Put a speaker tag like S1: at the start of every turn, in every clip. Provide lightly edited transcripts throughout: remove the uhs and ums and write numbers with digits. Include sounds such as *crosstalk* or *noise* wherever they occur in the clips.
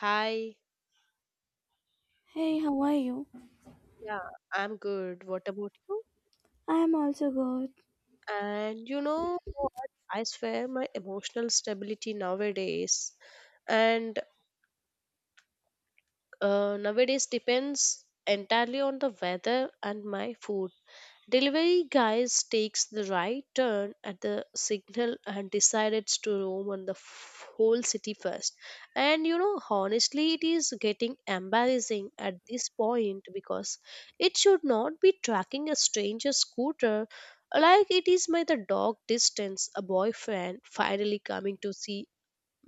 S1: Hi,
S2: Hey, how are you?
S1: yeah, I'm good. What about you?
S2: I'm also good.
S1: And you know what? I swear my emotional stability nowadays and nowadays depends entirely on the weather and my food. Delivery guys takes the right turn at the signal and decided to roam on the whole city first. And honestly, it is getting embarrassing at this point because it should not be tracking a stranger's scooter like it is my the dog distance a boyfriend finally coming to see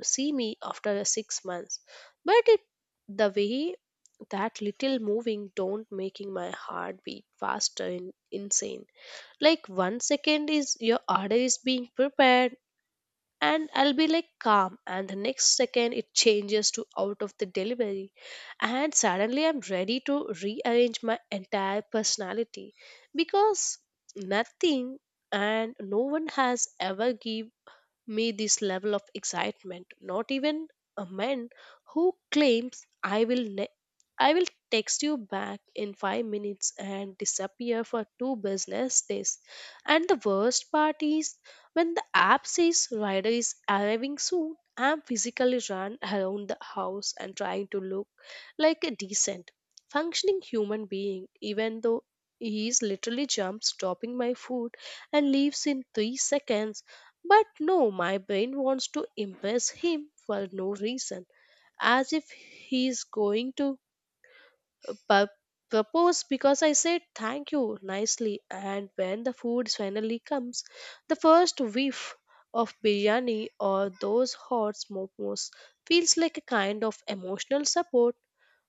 S1: see me after a 6 months but it the way that little moving don't making my heart beat faster and insane, like 1 second is your order is being prepared and I'll be like calm, and the next second it changes to out of the delivery, and suddenly I'm ready to rearrange my entire personality because nothing and no one has ever give me this level of excitement. Not even a man who claims I will text you back in 5 minutes and disappear for two business days. And the worst part is when the app says rider is arriving soon, I'm physically run around the house and trying to look like a decent, functioning human being, even though he is literally jumps, dropping my food, and leaves in 3 seconds. But no, my brain wants to impress him for no reason, as if he's going to pu- propose because I said thank you nicely. And when the food finally comes, the first whiff of biryani or those hot momos feels like a kind of emotional support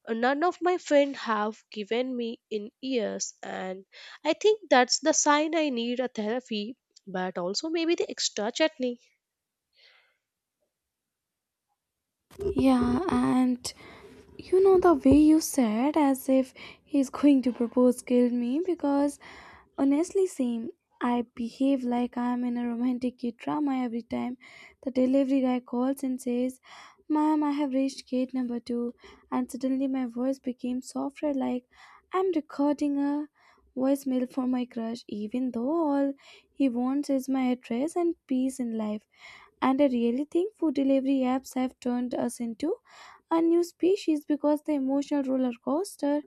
S1: none of my friends have given me in years. And I think that's the sign I need a therapy, but also maybe the extra chutney.
S2: Yeah, and You know, the way you said, "As if he's going to propose," killed me because honestly, same. I behave like I'm in a romantic kid drama every time the delivery guy calls and says, "Ma'am, I have reached gate number two." And suddenly my voice became softer, like I'm recording a voicemail for my crush, even though all he wants is my address and peace in life. And I really think food delivery apps have turned us into a new species because the emotional roller coaster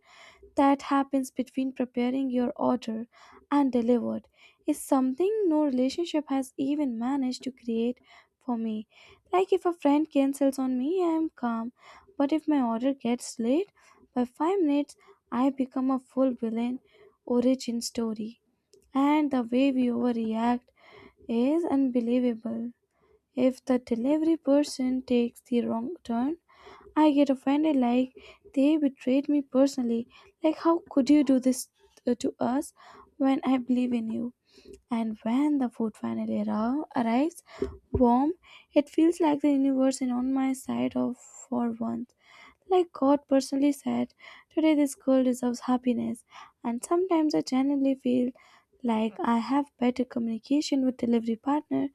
S2: that happens between preparing your order and delivered is something no relationship has even managed to create for me. Like, if a friend cancels on me, I am calm, but if my order gets late by 5 minutes, I become a full villain origin story. And the way we overreact is unbelievable. If the delivery person takes the wrong turn, I get offended like they betrayed me personally. Like, how could you do this to us when I believe in you? And when the food finally arrives warm, it feels like the universe is on my side of for once. Like God personally said, today this girl deserves happiness. And sometimes I genuinely feel like I have better communication with delivery partner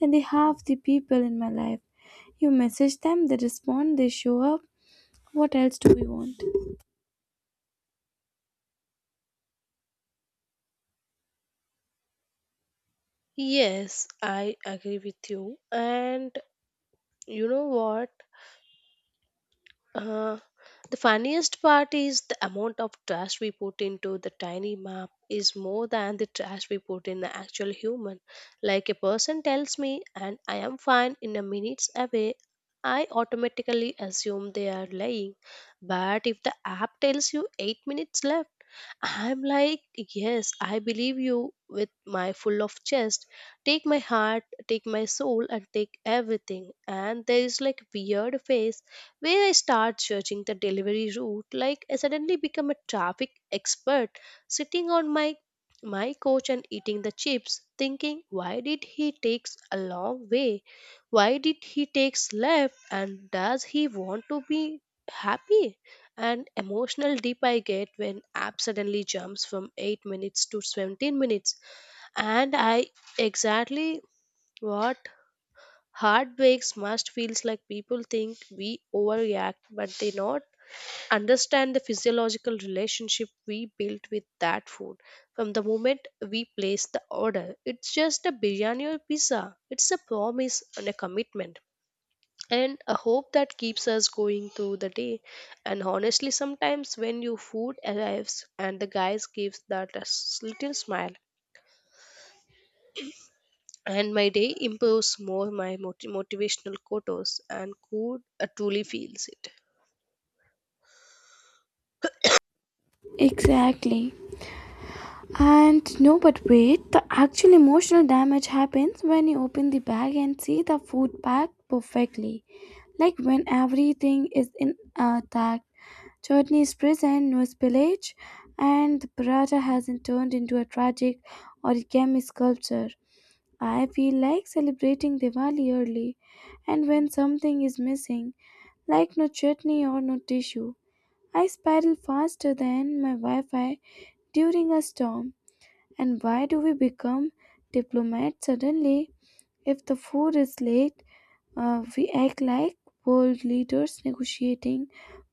S2: than the half the people in my life. You message them, they respond, they show up. What else do we want?
S1: Yes, I agree with you. And you know what? Uh, the funniest part is the amount of trash we put into the tiny map is more than the trash we put in the actual human. Like a person tells me, and I am fine in a minutes away, I automatically assume they are lying. But if the app tells you 8 minutes left, I'm like, yes, I believe you with my full of chest. Take my heart, take my soul, and take everything. And there is like weird phase where I start judging the delivery route, like I suddenly become a traffic expert, sitting on my coach and eating the chips, thinking, why did he takes a long way? Why did he takes left? And does he want to be happy? And emotional dip I get when app suddenly jumps from 8 minutes to 17 minutes, and I exactly what heartbreaks must feels like. People think we overreact but they not understand the physiological relationship we built with that food. From the moment we place the order it's just a biryani or pizza, it's a promise and a commitment and a hope that keeps us going through the day. And honestly, sometimes when your food arrives and the guys gives that a little smile, and my day improves more my motivational quotes and could truly feels it.
S2: Exactly. And no, but wait, the actual emotional damage happens when you open the bag and see the food packed perfectly. Like when everything is in intact. Chutney is present, no spillage, and the paratha hasn't turned into a tragic origami sculpture. I feel like celebrating Diwali early, and when something is missing, like no chutney or no tissue, I spiral faster than my Wi Fi during a storm. And why do we become diplomats suddenly? If the food is late, we act like world leaders negotiating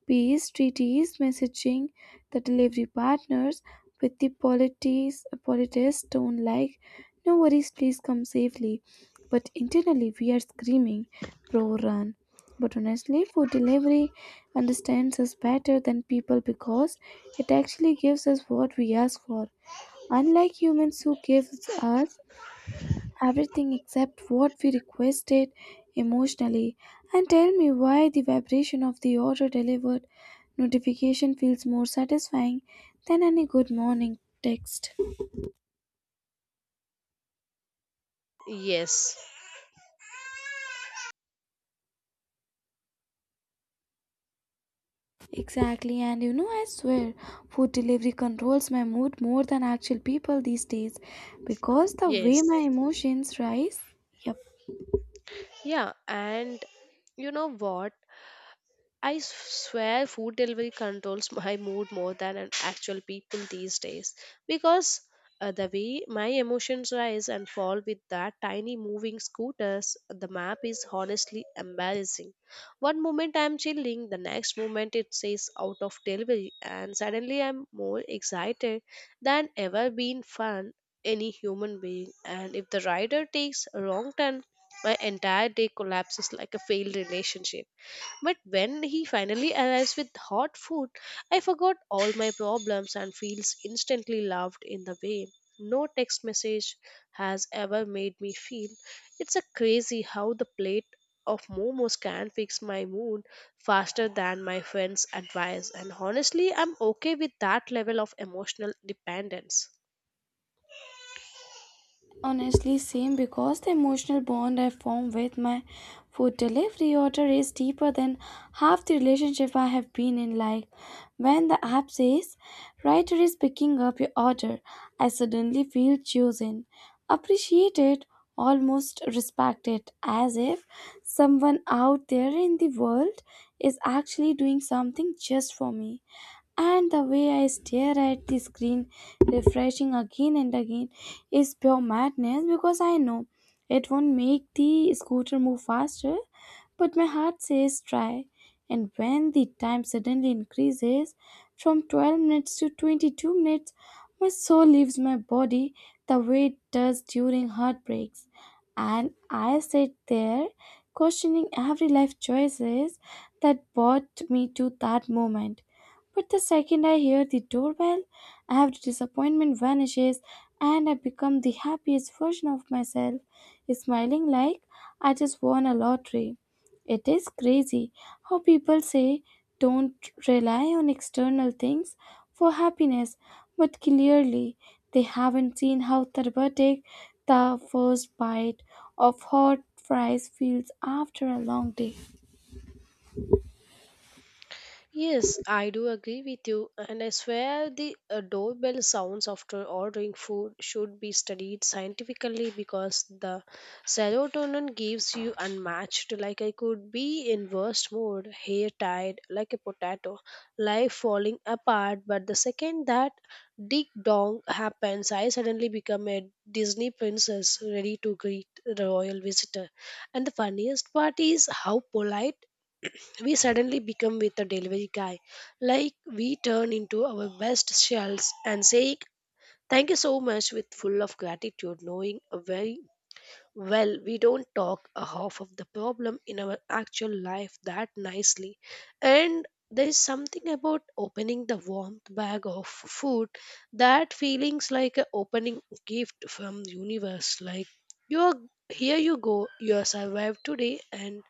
S2: peace treaties, messaging the delivery partners with the politest tone like, "No worries, please come safely." But internally, we are screaming, "Pro run." But honestly, food delivery understands us better than people because it actually gives us what we ask for, unlike humans who gives us everything except what we requested emotionally. And tell me why the vibration of the order delivered notification feels more satisfying than any good morning text.
S1: Yes,
S2: Exactly, and you know, I swear, food delivery controls my mood more than actual people these days because the way my
S1: yes.
S2: emotions rise. Yep.
S1: Yeah, and you know what? Swear food delivery controls my mood more than an actual people these days because the way my emotions rise and fall with that tiny moving scooters, the map is honestly embarrassing. One moment I'm chilling, the next moment it says out of delivery, and suddenly I'm more excited than ever been fun any human being. And if the rider takes a wrong turn, my entire day collapses like a failed relationship. But when he finally arrives with hot food, I forgot all my problems and feels instantly loved in the way. No text message has ever made me feel. It's a crazy how the plate of momos can fix my mood faster than my friends' advice, and honestly, I'm okay with that level of emotional dependence.
S2: Honestly, same, because the emotional bond I form with my food delivery order is deeper than half the relationship I have been in. Like when the app says, "Writer is picking up your order," I suddenly feel chosen, appreciated, almost respected, as if someone out there in the world is actually doing something just for me. And the way I stare at the screen, refreshing again and again, is pure madness because I know it won't make the scooter move faster, but my heart says try. And when the time suddenly increases from 12 minutes to 22 minutes, my soul leaves my body the way it does during heartbreaks. And I sit there questioning every life choices that brought me to that moment, but the second I hear the doorbell, I have the disappointment vanishes and I become the happiest version of myself, smiling like I just won a lottery. It is crazy how people say don't rely on external things for happiness, but clearly they haven't seen how therapeutic the first bite of hot fries feels after a long day.
S1: Yes, I do agree with you, and I swear the doorbell sounds after ordering food should be studied scientifically because the serotonin gives you unmatched. Like I could be in worst mood, hair tied like a potato, life falling apart, but the second that ding dong happens, I suddenly become a Disney princess ready to greet the royal visitor. And the funniest part is how polite we suddenly become with a delivery guy. Like we turn into our best selves and say thank you so much with full of gratitude, knowing a very well we don't talk a half of the problem in our actual life that nicely. And there is something about opening the warmth bag of food that feelings like a opening gift from universe, like you are here, you go, you are survived today. And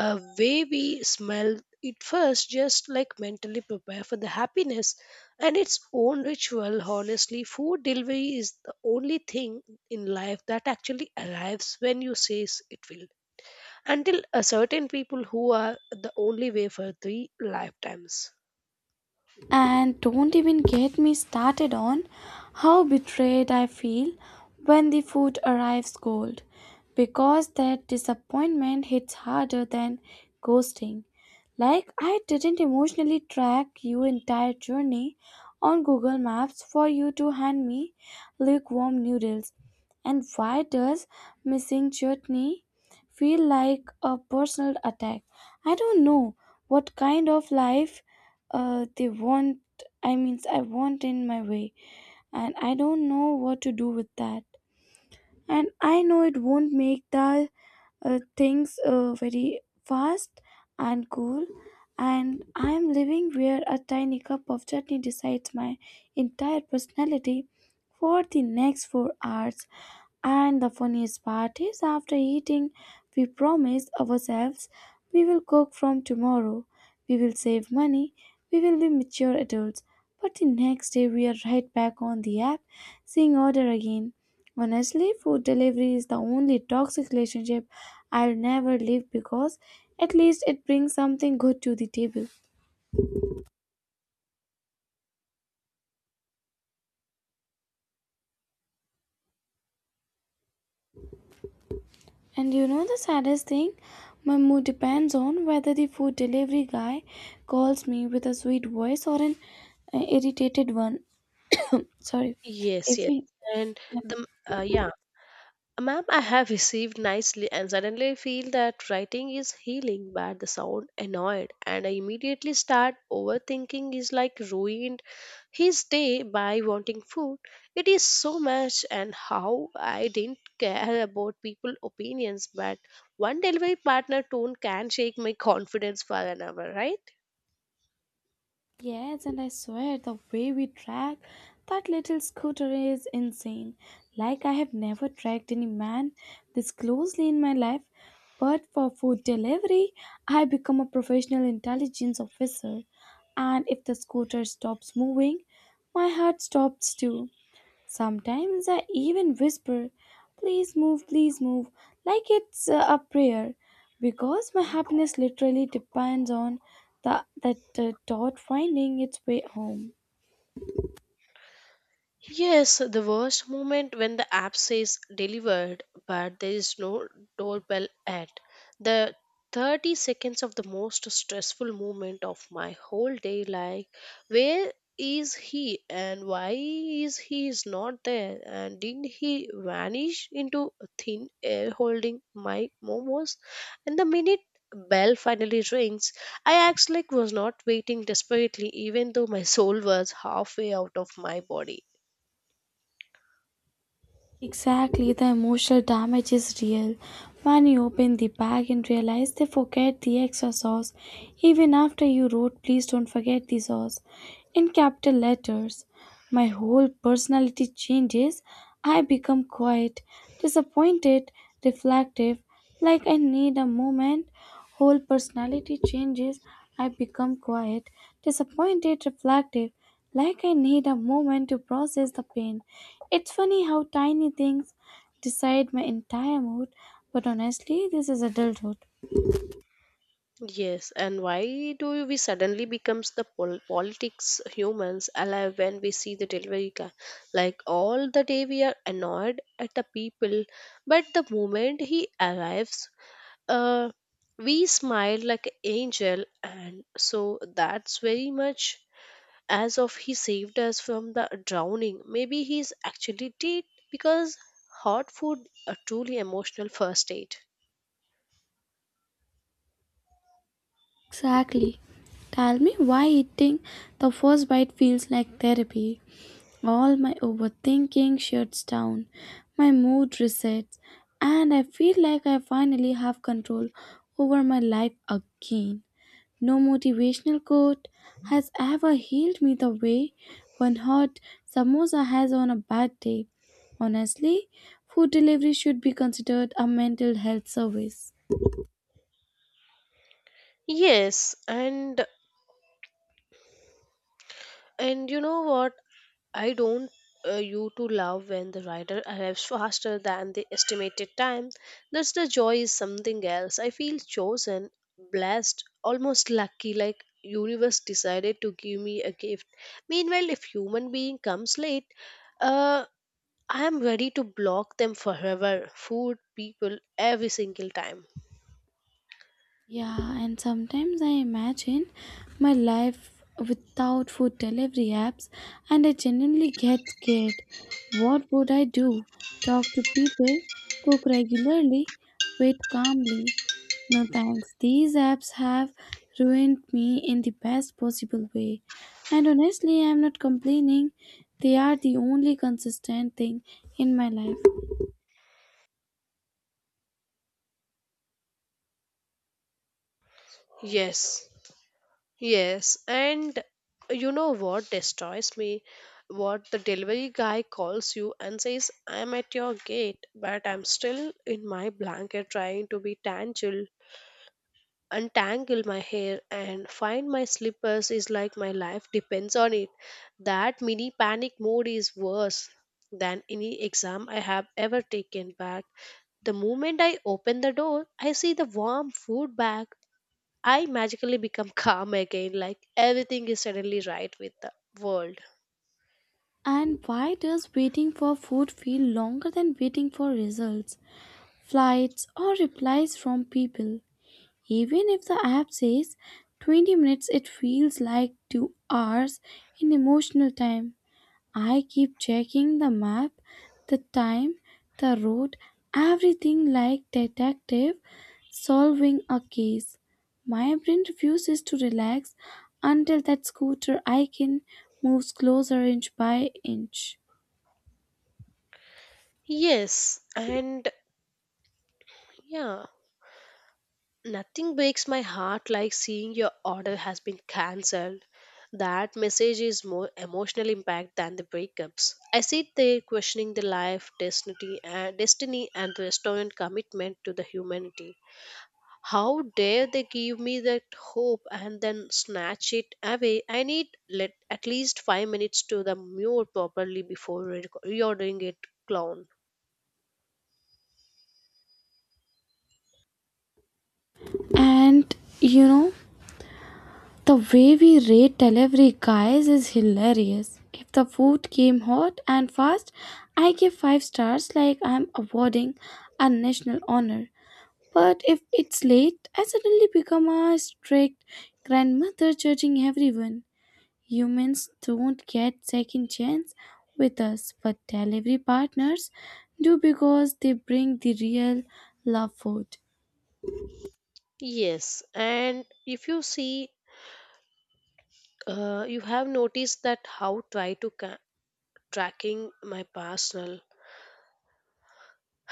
S1: a way we smell it first just like mentally prepare for the happiness and its own ritual. Honestly, food delivery is the only thing in life that actually arrives when you say it will, until a certain people who are the only way for three lifetimes.
S2: And don't even get me started on how betrayed I feel when the food arrives cold, because that disappointment hits harder than ghosting. Like, I didn't emotionally track your entire journey on Google Maps for you to hand me lukewarm noodles. And why does missing chutney feel like a personal attack? I don't know what kind of life they want. I mean, I want in my way, and I don't know what to do with that. And I know it won't make the things very fast and cool, and I am living where a tiny cup of chutney decides my entire personality for the next 4 hours. And the funniest part is, after eating, we promise ourselves we will cook from tomorrow, we will save money, we will be mature adults. But the next day, we are right back on the app, seeing order again. Honestly, food delivery is the only toxic relationship I'll never leave because at least it brings something good to the table. And you know the saddest thing? My mood depends on whether the food delivery guy calls me with a sweet voice or an irritated one. Sorry.
S1: Yes,
S2: If
S1: yes.
S2: he,
S1: And the yeah, ma'am, I have received nicely, and suddenly I feel that writing is healing, but the sound annoyed, and I immediately start overthinking is like ruined his day by wanting food. It is so much and how I didn't care about people opinions, but one delivery partner tone can shake my *laughs* confidence for an hour, right?
S2: yes, and I swear the way we track that little scooter is insane. Like I have never tracked any man this closely in my life. But for food delivery, I become a professional intelligence officer. And if the scooter stops moving, my heart stops too. Sometimes I even whisper, "Please move, please move," like it's a prayer, because my happiness literally depends on that dot finding its way home.
S1: Yes, the worst moment when the app says delivered, but there is no doorbell at the 30 seconds of the most stressful moment of my whole day. Like, where is he and why is he is not there? And did he vanish into thin air holding my momos? And the minute bell finally rings, I acts like was not waiting desperately, even though my soul was halfway out of my body.
S2: Exactly, the emotional damage is real. When you open the bag and realize they forget the extra sauce, even after you wrote, "Please don't forget the sauce," in capital letters. My whole personality changes. I become quiet, disappointed, reflective. Like I need a moment, whole personality changes. I become quiet, disappointed, reflective. Like I need a moment to process the pain. It's funny how tiny things decide my entire mood, but honestly, this is adulthood.
S1: Yes, and why do we suddenly becomes the politics humans alive when we see the delivery guy? Like all the day we are annoyed at the people, but the moment he arrives, uh, we smile like an angel, and so that's very much as of he saved us from the drowning. Maybe he's actually dead because hot food are truly emotional first aid.
S2: Exactly. Tell me why eating the first bite feels like therapy. All my overthinking shuts down, my mood resets, and I feel like I finally have control over my life again. No motivational quote has ever healed me the way one hot samosa has on a bad day. Honestly, food delivery should be considered a mental health service.
S1: Yes, and you know what? I don't You to love when the rider arrives faster than the estimated time. That's the joy is something else. I feel chosen, blessed, almost lucky, like universe decided to give me a gift. Meanwhile, if human being comes late, uh, I am ready to block them forever. Food, people, every single time.
S2: Yeah, and sometimes I imagine my life without food delivery apps, and I genuinely get scared. What would I do? Talk to people, cook regularly, wait calmly. No thanks. These apps have ruined me in the best possible way. And honestly, I'm not complaining. They are the only consistent thing in my life.
S1: Yes. Yes, and you know what destroys me? What the delivery guy calls you and says, I'm at your gate, but I'm still in my blanket trying to be tangled, untangle my hair and find my slippers is like my life depends on it. That mini panic mode is worse than any exam I have ever taken. Back the moment I open the door, I see the warm food bag, I magically become *laughs* calm again, like everything is suddenly right with the world.
S2: And why does waiting for food feel longer than waiting for results, flights, or replies from people? Even if the app says 20 minutes, it feels like 2 hours in emotional time. I keep checking the map, the time, the road, everything like detective solving a case. My brain refuses to relax until that scooter icon moves closer inch by inch.
S1: Yes, and yeah, nothing breaks my heart like seeing your order has been cancelled. That message is more emotional impact than the breakups. I sit there questioning the life, destiny, and destiny, and the restaurant commitment to the humanity. How dare they give me that hope and then snatch it away? I need let at least 5 minutes to the mule properly before reordering it, clown.
S2: And you know, the way we rate delivery guys is hilarious. If the food came hot and fast, I give 5 stars like I'm awarding a national honor. But if it's late, I suddenly become a strict grandmother judging everyone. Humans don't get second chance with us, but delivery partners do because they bring the real love food.
S1: Yes, and if you see, you have noticed that how try to tracking my personal.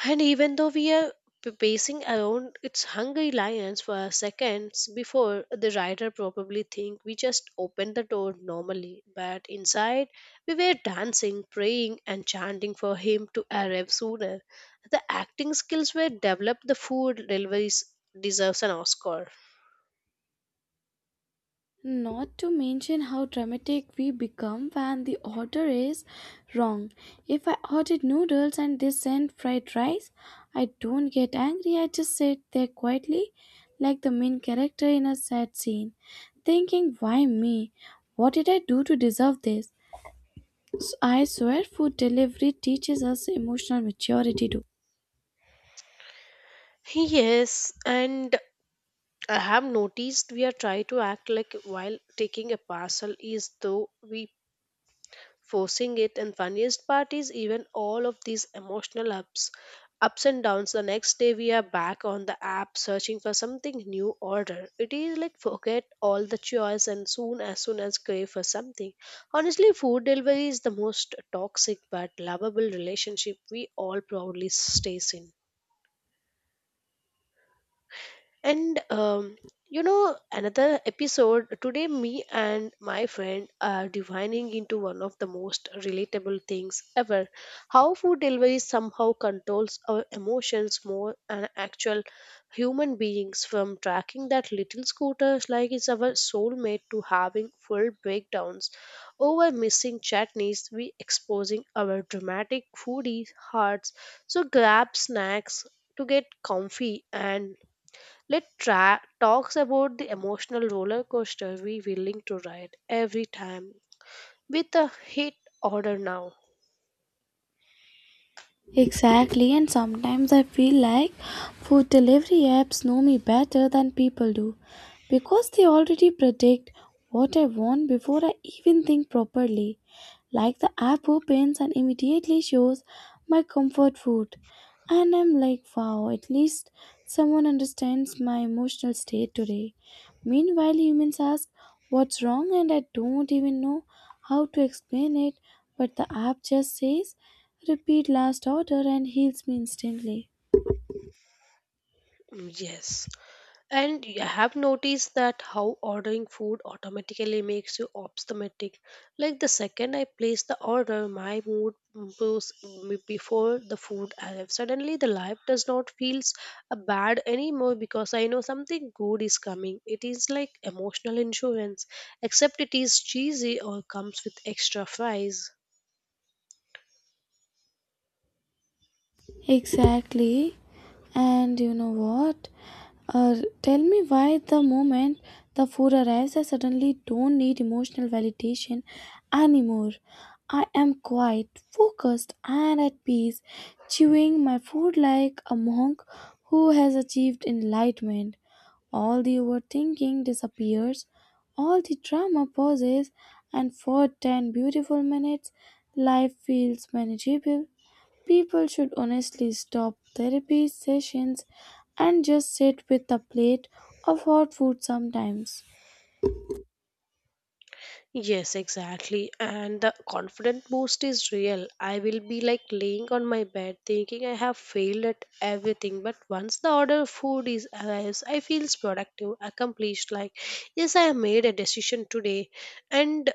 S1: And even though we are pacing around its hungry lions for seconds before the rider probably think we just opened the door normally, but inside we were dancing, praying and chanting for him to arrive sooner. The acting skills were developed the food deliveries deserves an Oscar.
S2: Not to mention how dramatic we become when the order is wrong. If I ordered noodles and they sent fried rice, I don't get angry, I just sit there quietly, like the main character in a sad scene, thinking, "Why me? What did I do to deserve this?" So I swear food delivery teaches us emotional maturity too.
S1: Yes, and I have noticed we are trying to act like while taking a parcel is though we forcing it, and funniest part is even all of these emotional ups and downs the next day we are back on the app searching for something new order. It is like forget all the choice and soon as crave for something. Honestly, food delivery is the most toxic but lovable relationship we all proudly stays in. And You know, another episode today, me and my friend are divining into one of the most relatable things ever, how food delivery somehow controls our emotions more than actual human beings. From tracking that little scooter like it's our soulmate to having full breakdowns over missing chutneys, we exposing our dramatic foodie hearts. So grab snacks to get comfy and let talks about the emotional roller coaster we willing to ride every time with a hit order now.
S2: Exactly, and sometimes I feel like food delivery apps know me better than people do because they already predict what I want before I even think properly. Like the app opens and immediately shows my comfort food, and I'm like, wow, at least someone understands my emotional state today. Meanwhile, humans ask what's wrong, and I don't even know how to explain it, but the app just says "Repeat last order" and heals me instantly.
S1: Yes. And you have noticed that how ordering food automatically makes you optimistic. Like the second I place the order, my mood improves before the food arrives. Suddenly, the life does not feel bad anymore because I know something good is coming. It is like emotional insurance, except it is cheesy or comes with extra fries.
S2: Exactly. And you know what? Tell me why the moment the food arrives, I suddenly don't need emotional validation anymore. I am quiet, focused, and at peace, chewing my food like a monk who has achieved enlightenment. All the overthinking disappears, all the drama pauses, and for 10 beautiful minutes, life feels manageable. People should honestly stop therapy sessions and just sit with a plate of hot food sometimes.
S1: Yes, exactly. And the confident boost is real. I will be like laying on my bed thinking I have failed at everything. But once the order of food is arrives, I feels productive, accomplished. Like, yes, I have made a decision today. And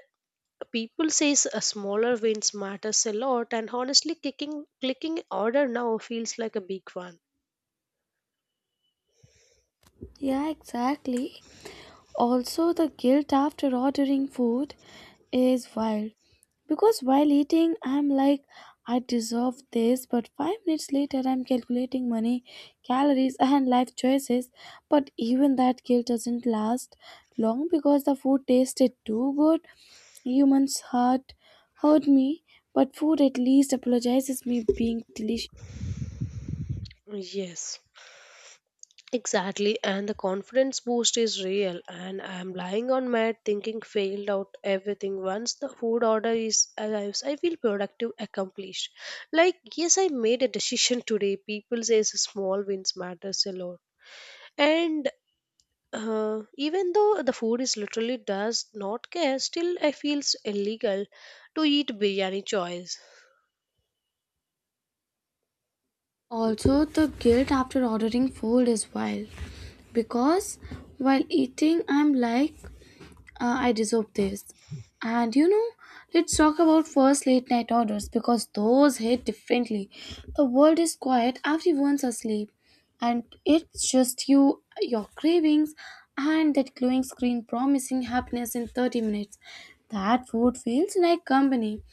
S1: people says a smaller wins matters a lot. And honestly, clicking order now feels like a big one.
S2: Yeah, exactly. Also, the guilt after ordering food is wild because while eating, I'm like, I deserve this, but 5 minutes later, I'm calculating money, calories, *laughs* and life choices. But even that guilt doesn't last long because the food tasted too good. Humans hurt me, but food at least apologizes me being delicious.
S1: Yes. Exactly, and the confidence boost is real. And I am lying on mat thinking failed out everything. Once the food order is arrives, I feel productive, accomplished. Like yes, I made a decision today. People says small wins matters a lot, and uh, even though the food is literally does not care, still I feels illegal to eat biryani choice.
S2: Also, the guilt after ordering food is wild because while eating, I'm like, I deserve this. And you know, let's talk about first late night orders because those hit differently. The world is quiet, everyone's asleep, and it's just you, your cravings, and that glowing screen promising happiness in 30 minutes. That food feels like company,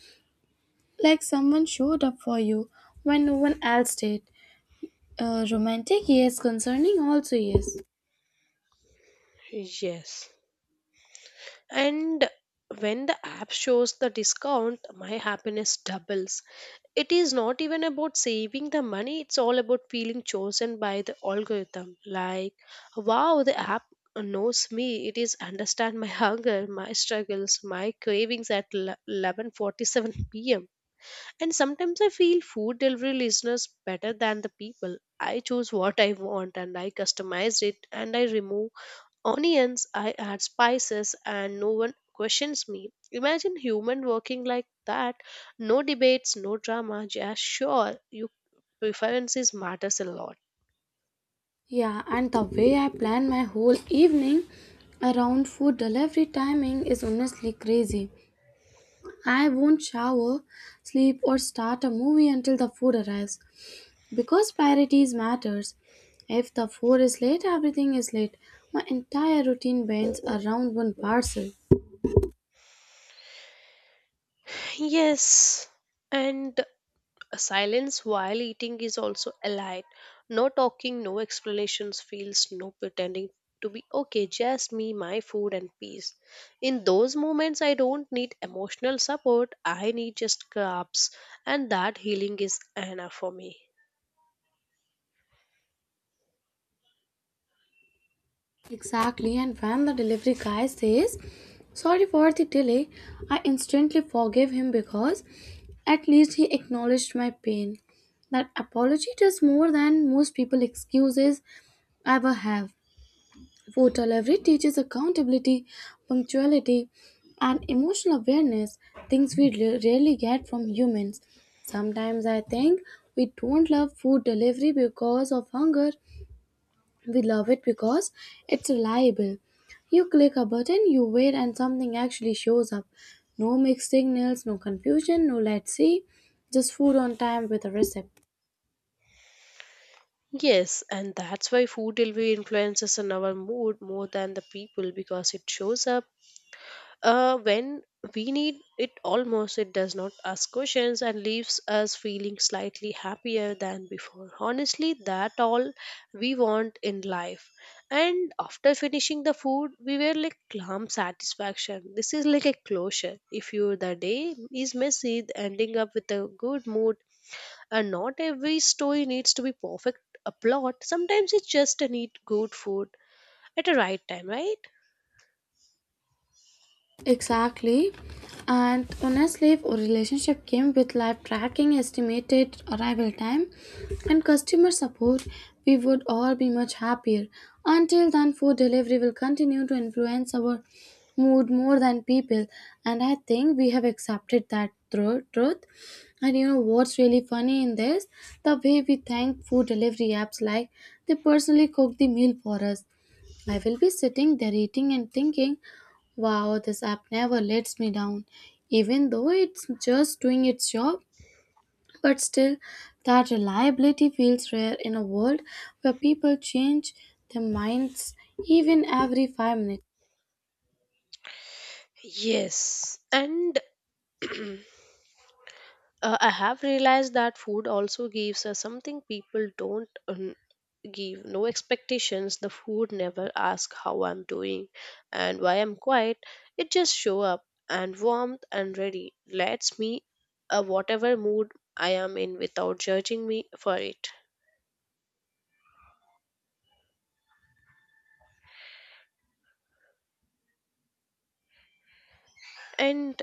S2: like someone showed up for you when no one else did. Romantic, yes. Concerning, also, yes.
S1: Yes. And when the app shows the discount, my happiness doubles. It is not even about saving the money, it's all about feeling chosen by the algorithm. Like, wow, the app knows me. It is understand my hunger, my struggles, my cravings at 11:47 p.m. And sometimes I feel food delivery listeners better than the people. I choose what I want and I customize it and I remove onions, I add spices, and no one questions me. Imagine human working like that. No debates, no drama, just sure your preferences matters a lot.
S2: Yeah, and the way I plan my whole evening around food delivery timing is honestly crazy. I won't shower, sleep, or start a movie until the food arrives because priorities matters. If the food is late, everything is late. My entire routine bends around one parcel.
S1: Yes, and silence while eating is also allied. No talking, no explanations, feels, no pretending to be okay, just me, my food, and peace. In those moments, I don't need emotional support, I need just crabs, and that healing is enough for me.
S2: Exactly, and when the delivery guy says, "Sorry for the delay," I instantly forgive him because at least he acknowledged my pain. That apology does more than most people excuses ever have. Food delivery teaches accountability, punctuality, and emotional awareness, things we rarely get from humans. Sometimes I think we don't love food delivery because of hunger, we love it because it's reliable. You click a button, you wait, and something actually shows up. No mixed signals, no confusion, no let's see, just food on time with a recipe.
S1: Yes, and that's why food delivery influences on our mood more than the people because it shows up when we need it almost. It does not ask questions and leaves us feeling slightly happier than before. Honestly, that all we want in life. And after finishing the food, we were like calm satisfaction. This is like a closure. If you the day is messy, ending up with a good mood, and not every story needs to be perfect a plot. Sometimes it's just a need good food at the right time, right?
S2: Exactly. And honestly, if a relationship came with live tracking, estimated arrival time, and customer support, we would all be much happier. Until then, food delivery will continue to influence our mood more than people. And I think we have accepted that truth. And you know what's really funny in this? The way we thank food delivery apps like they personally cook the meal for us. I will be sitting there eating and thinking, wow, this app never lets me down, even though it's just doing its job. But still, that reliability feels rare in a world where people change their minds even every 5 minutes.
S1: Yes, and *clears throat* uh, I have realized that food also gives us something people don't give. No expectations. The food never asks how I'm doing and why I'm quiet. It just show up and warmth and ready. Lets me, whatever mood I am in, without judging me for it. And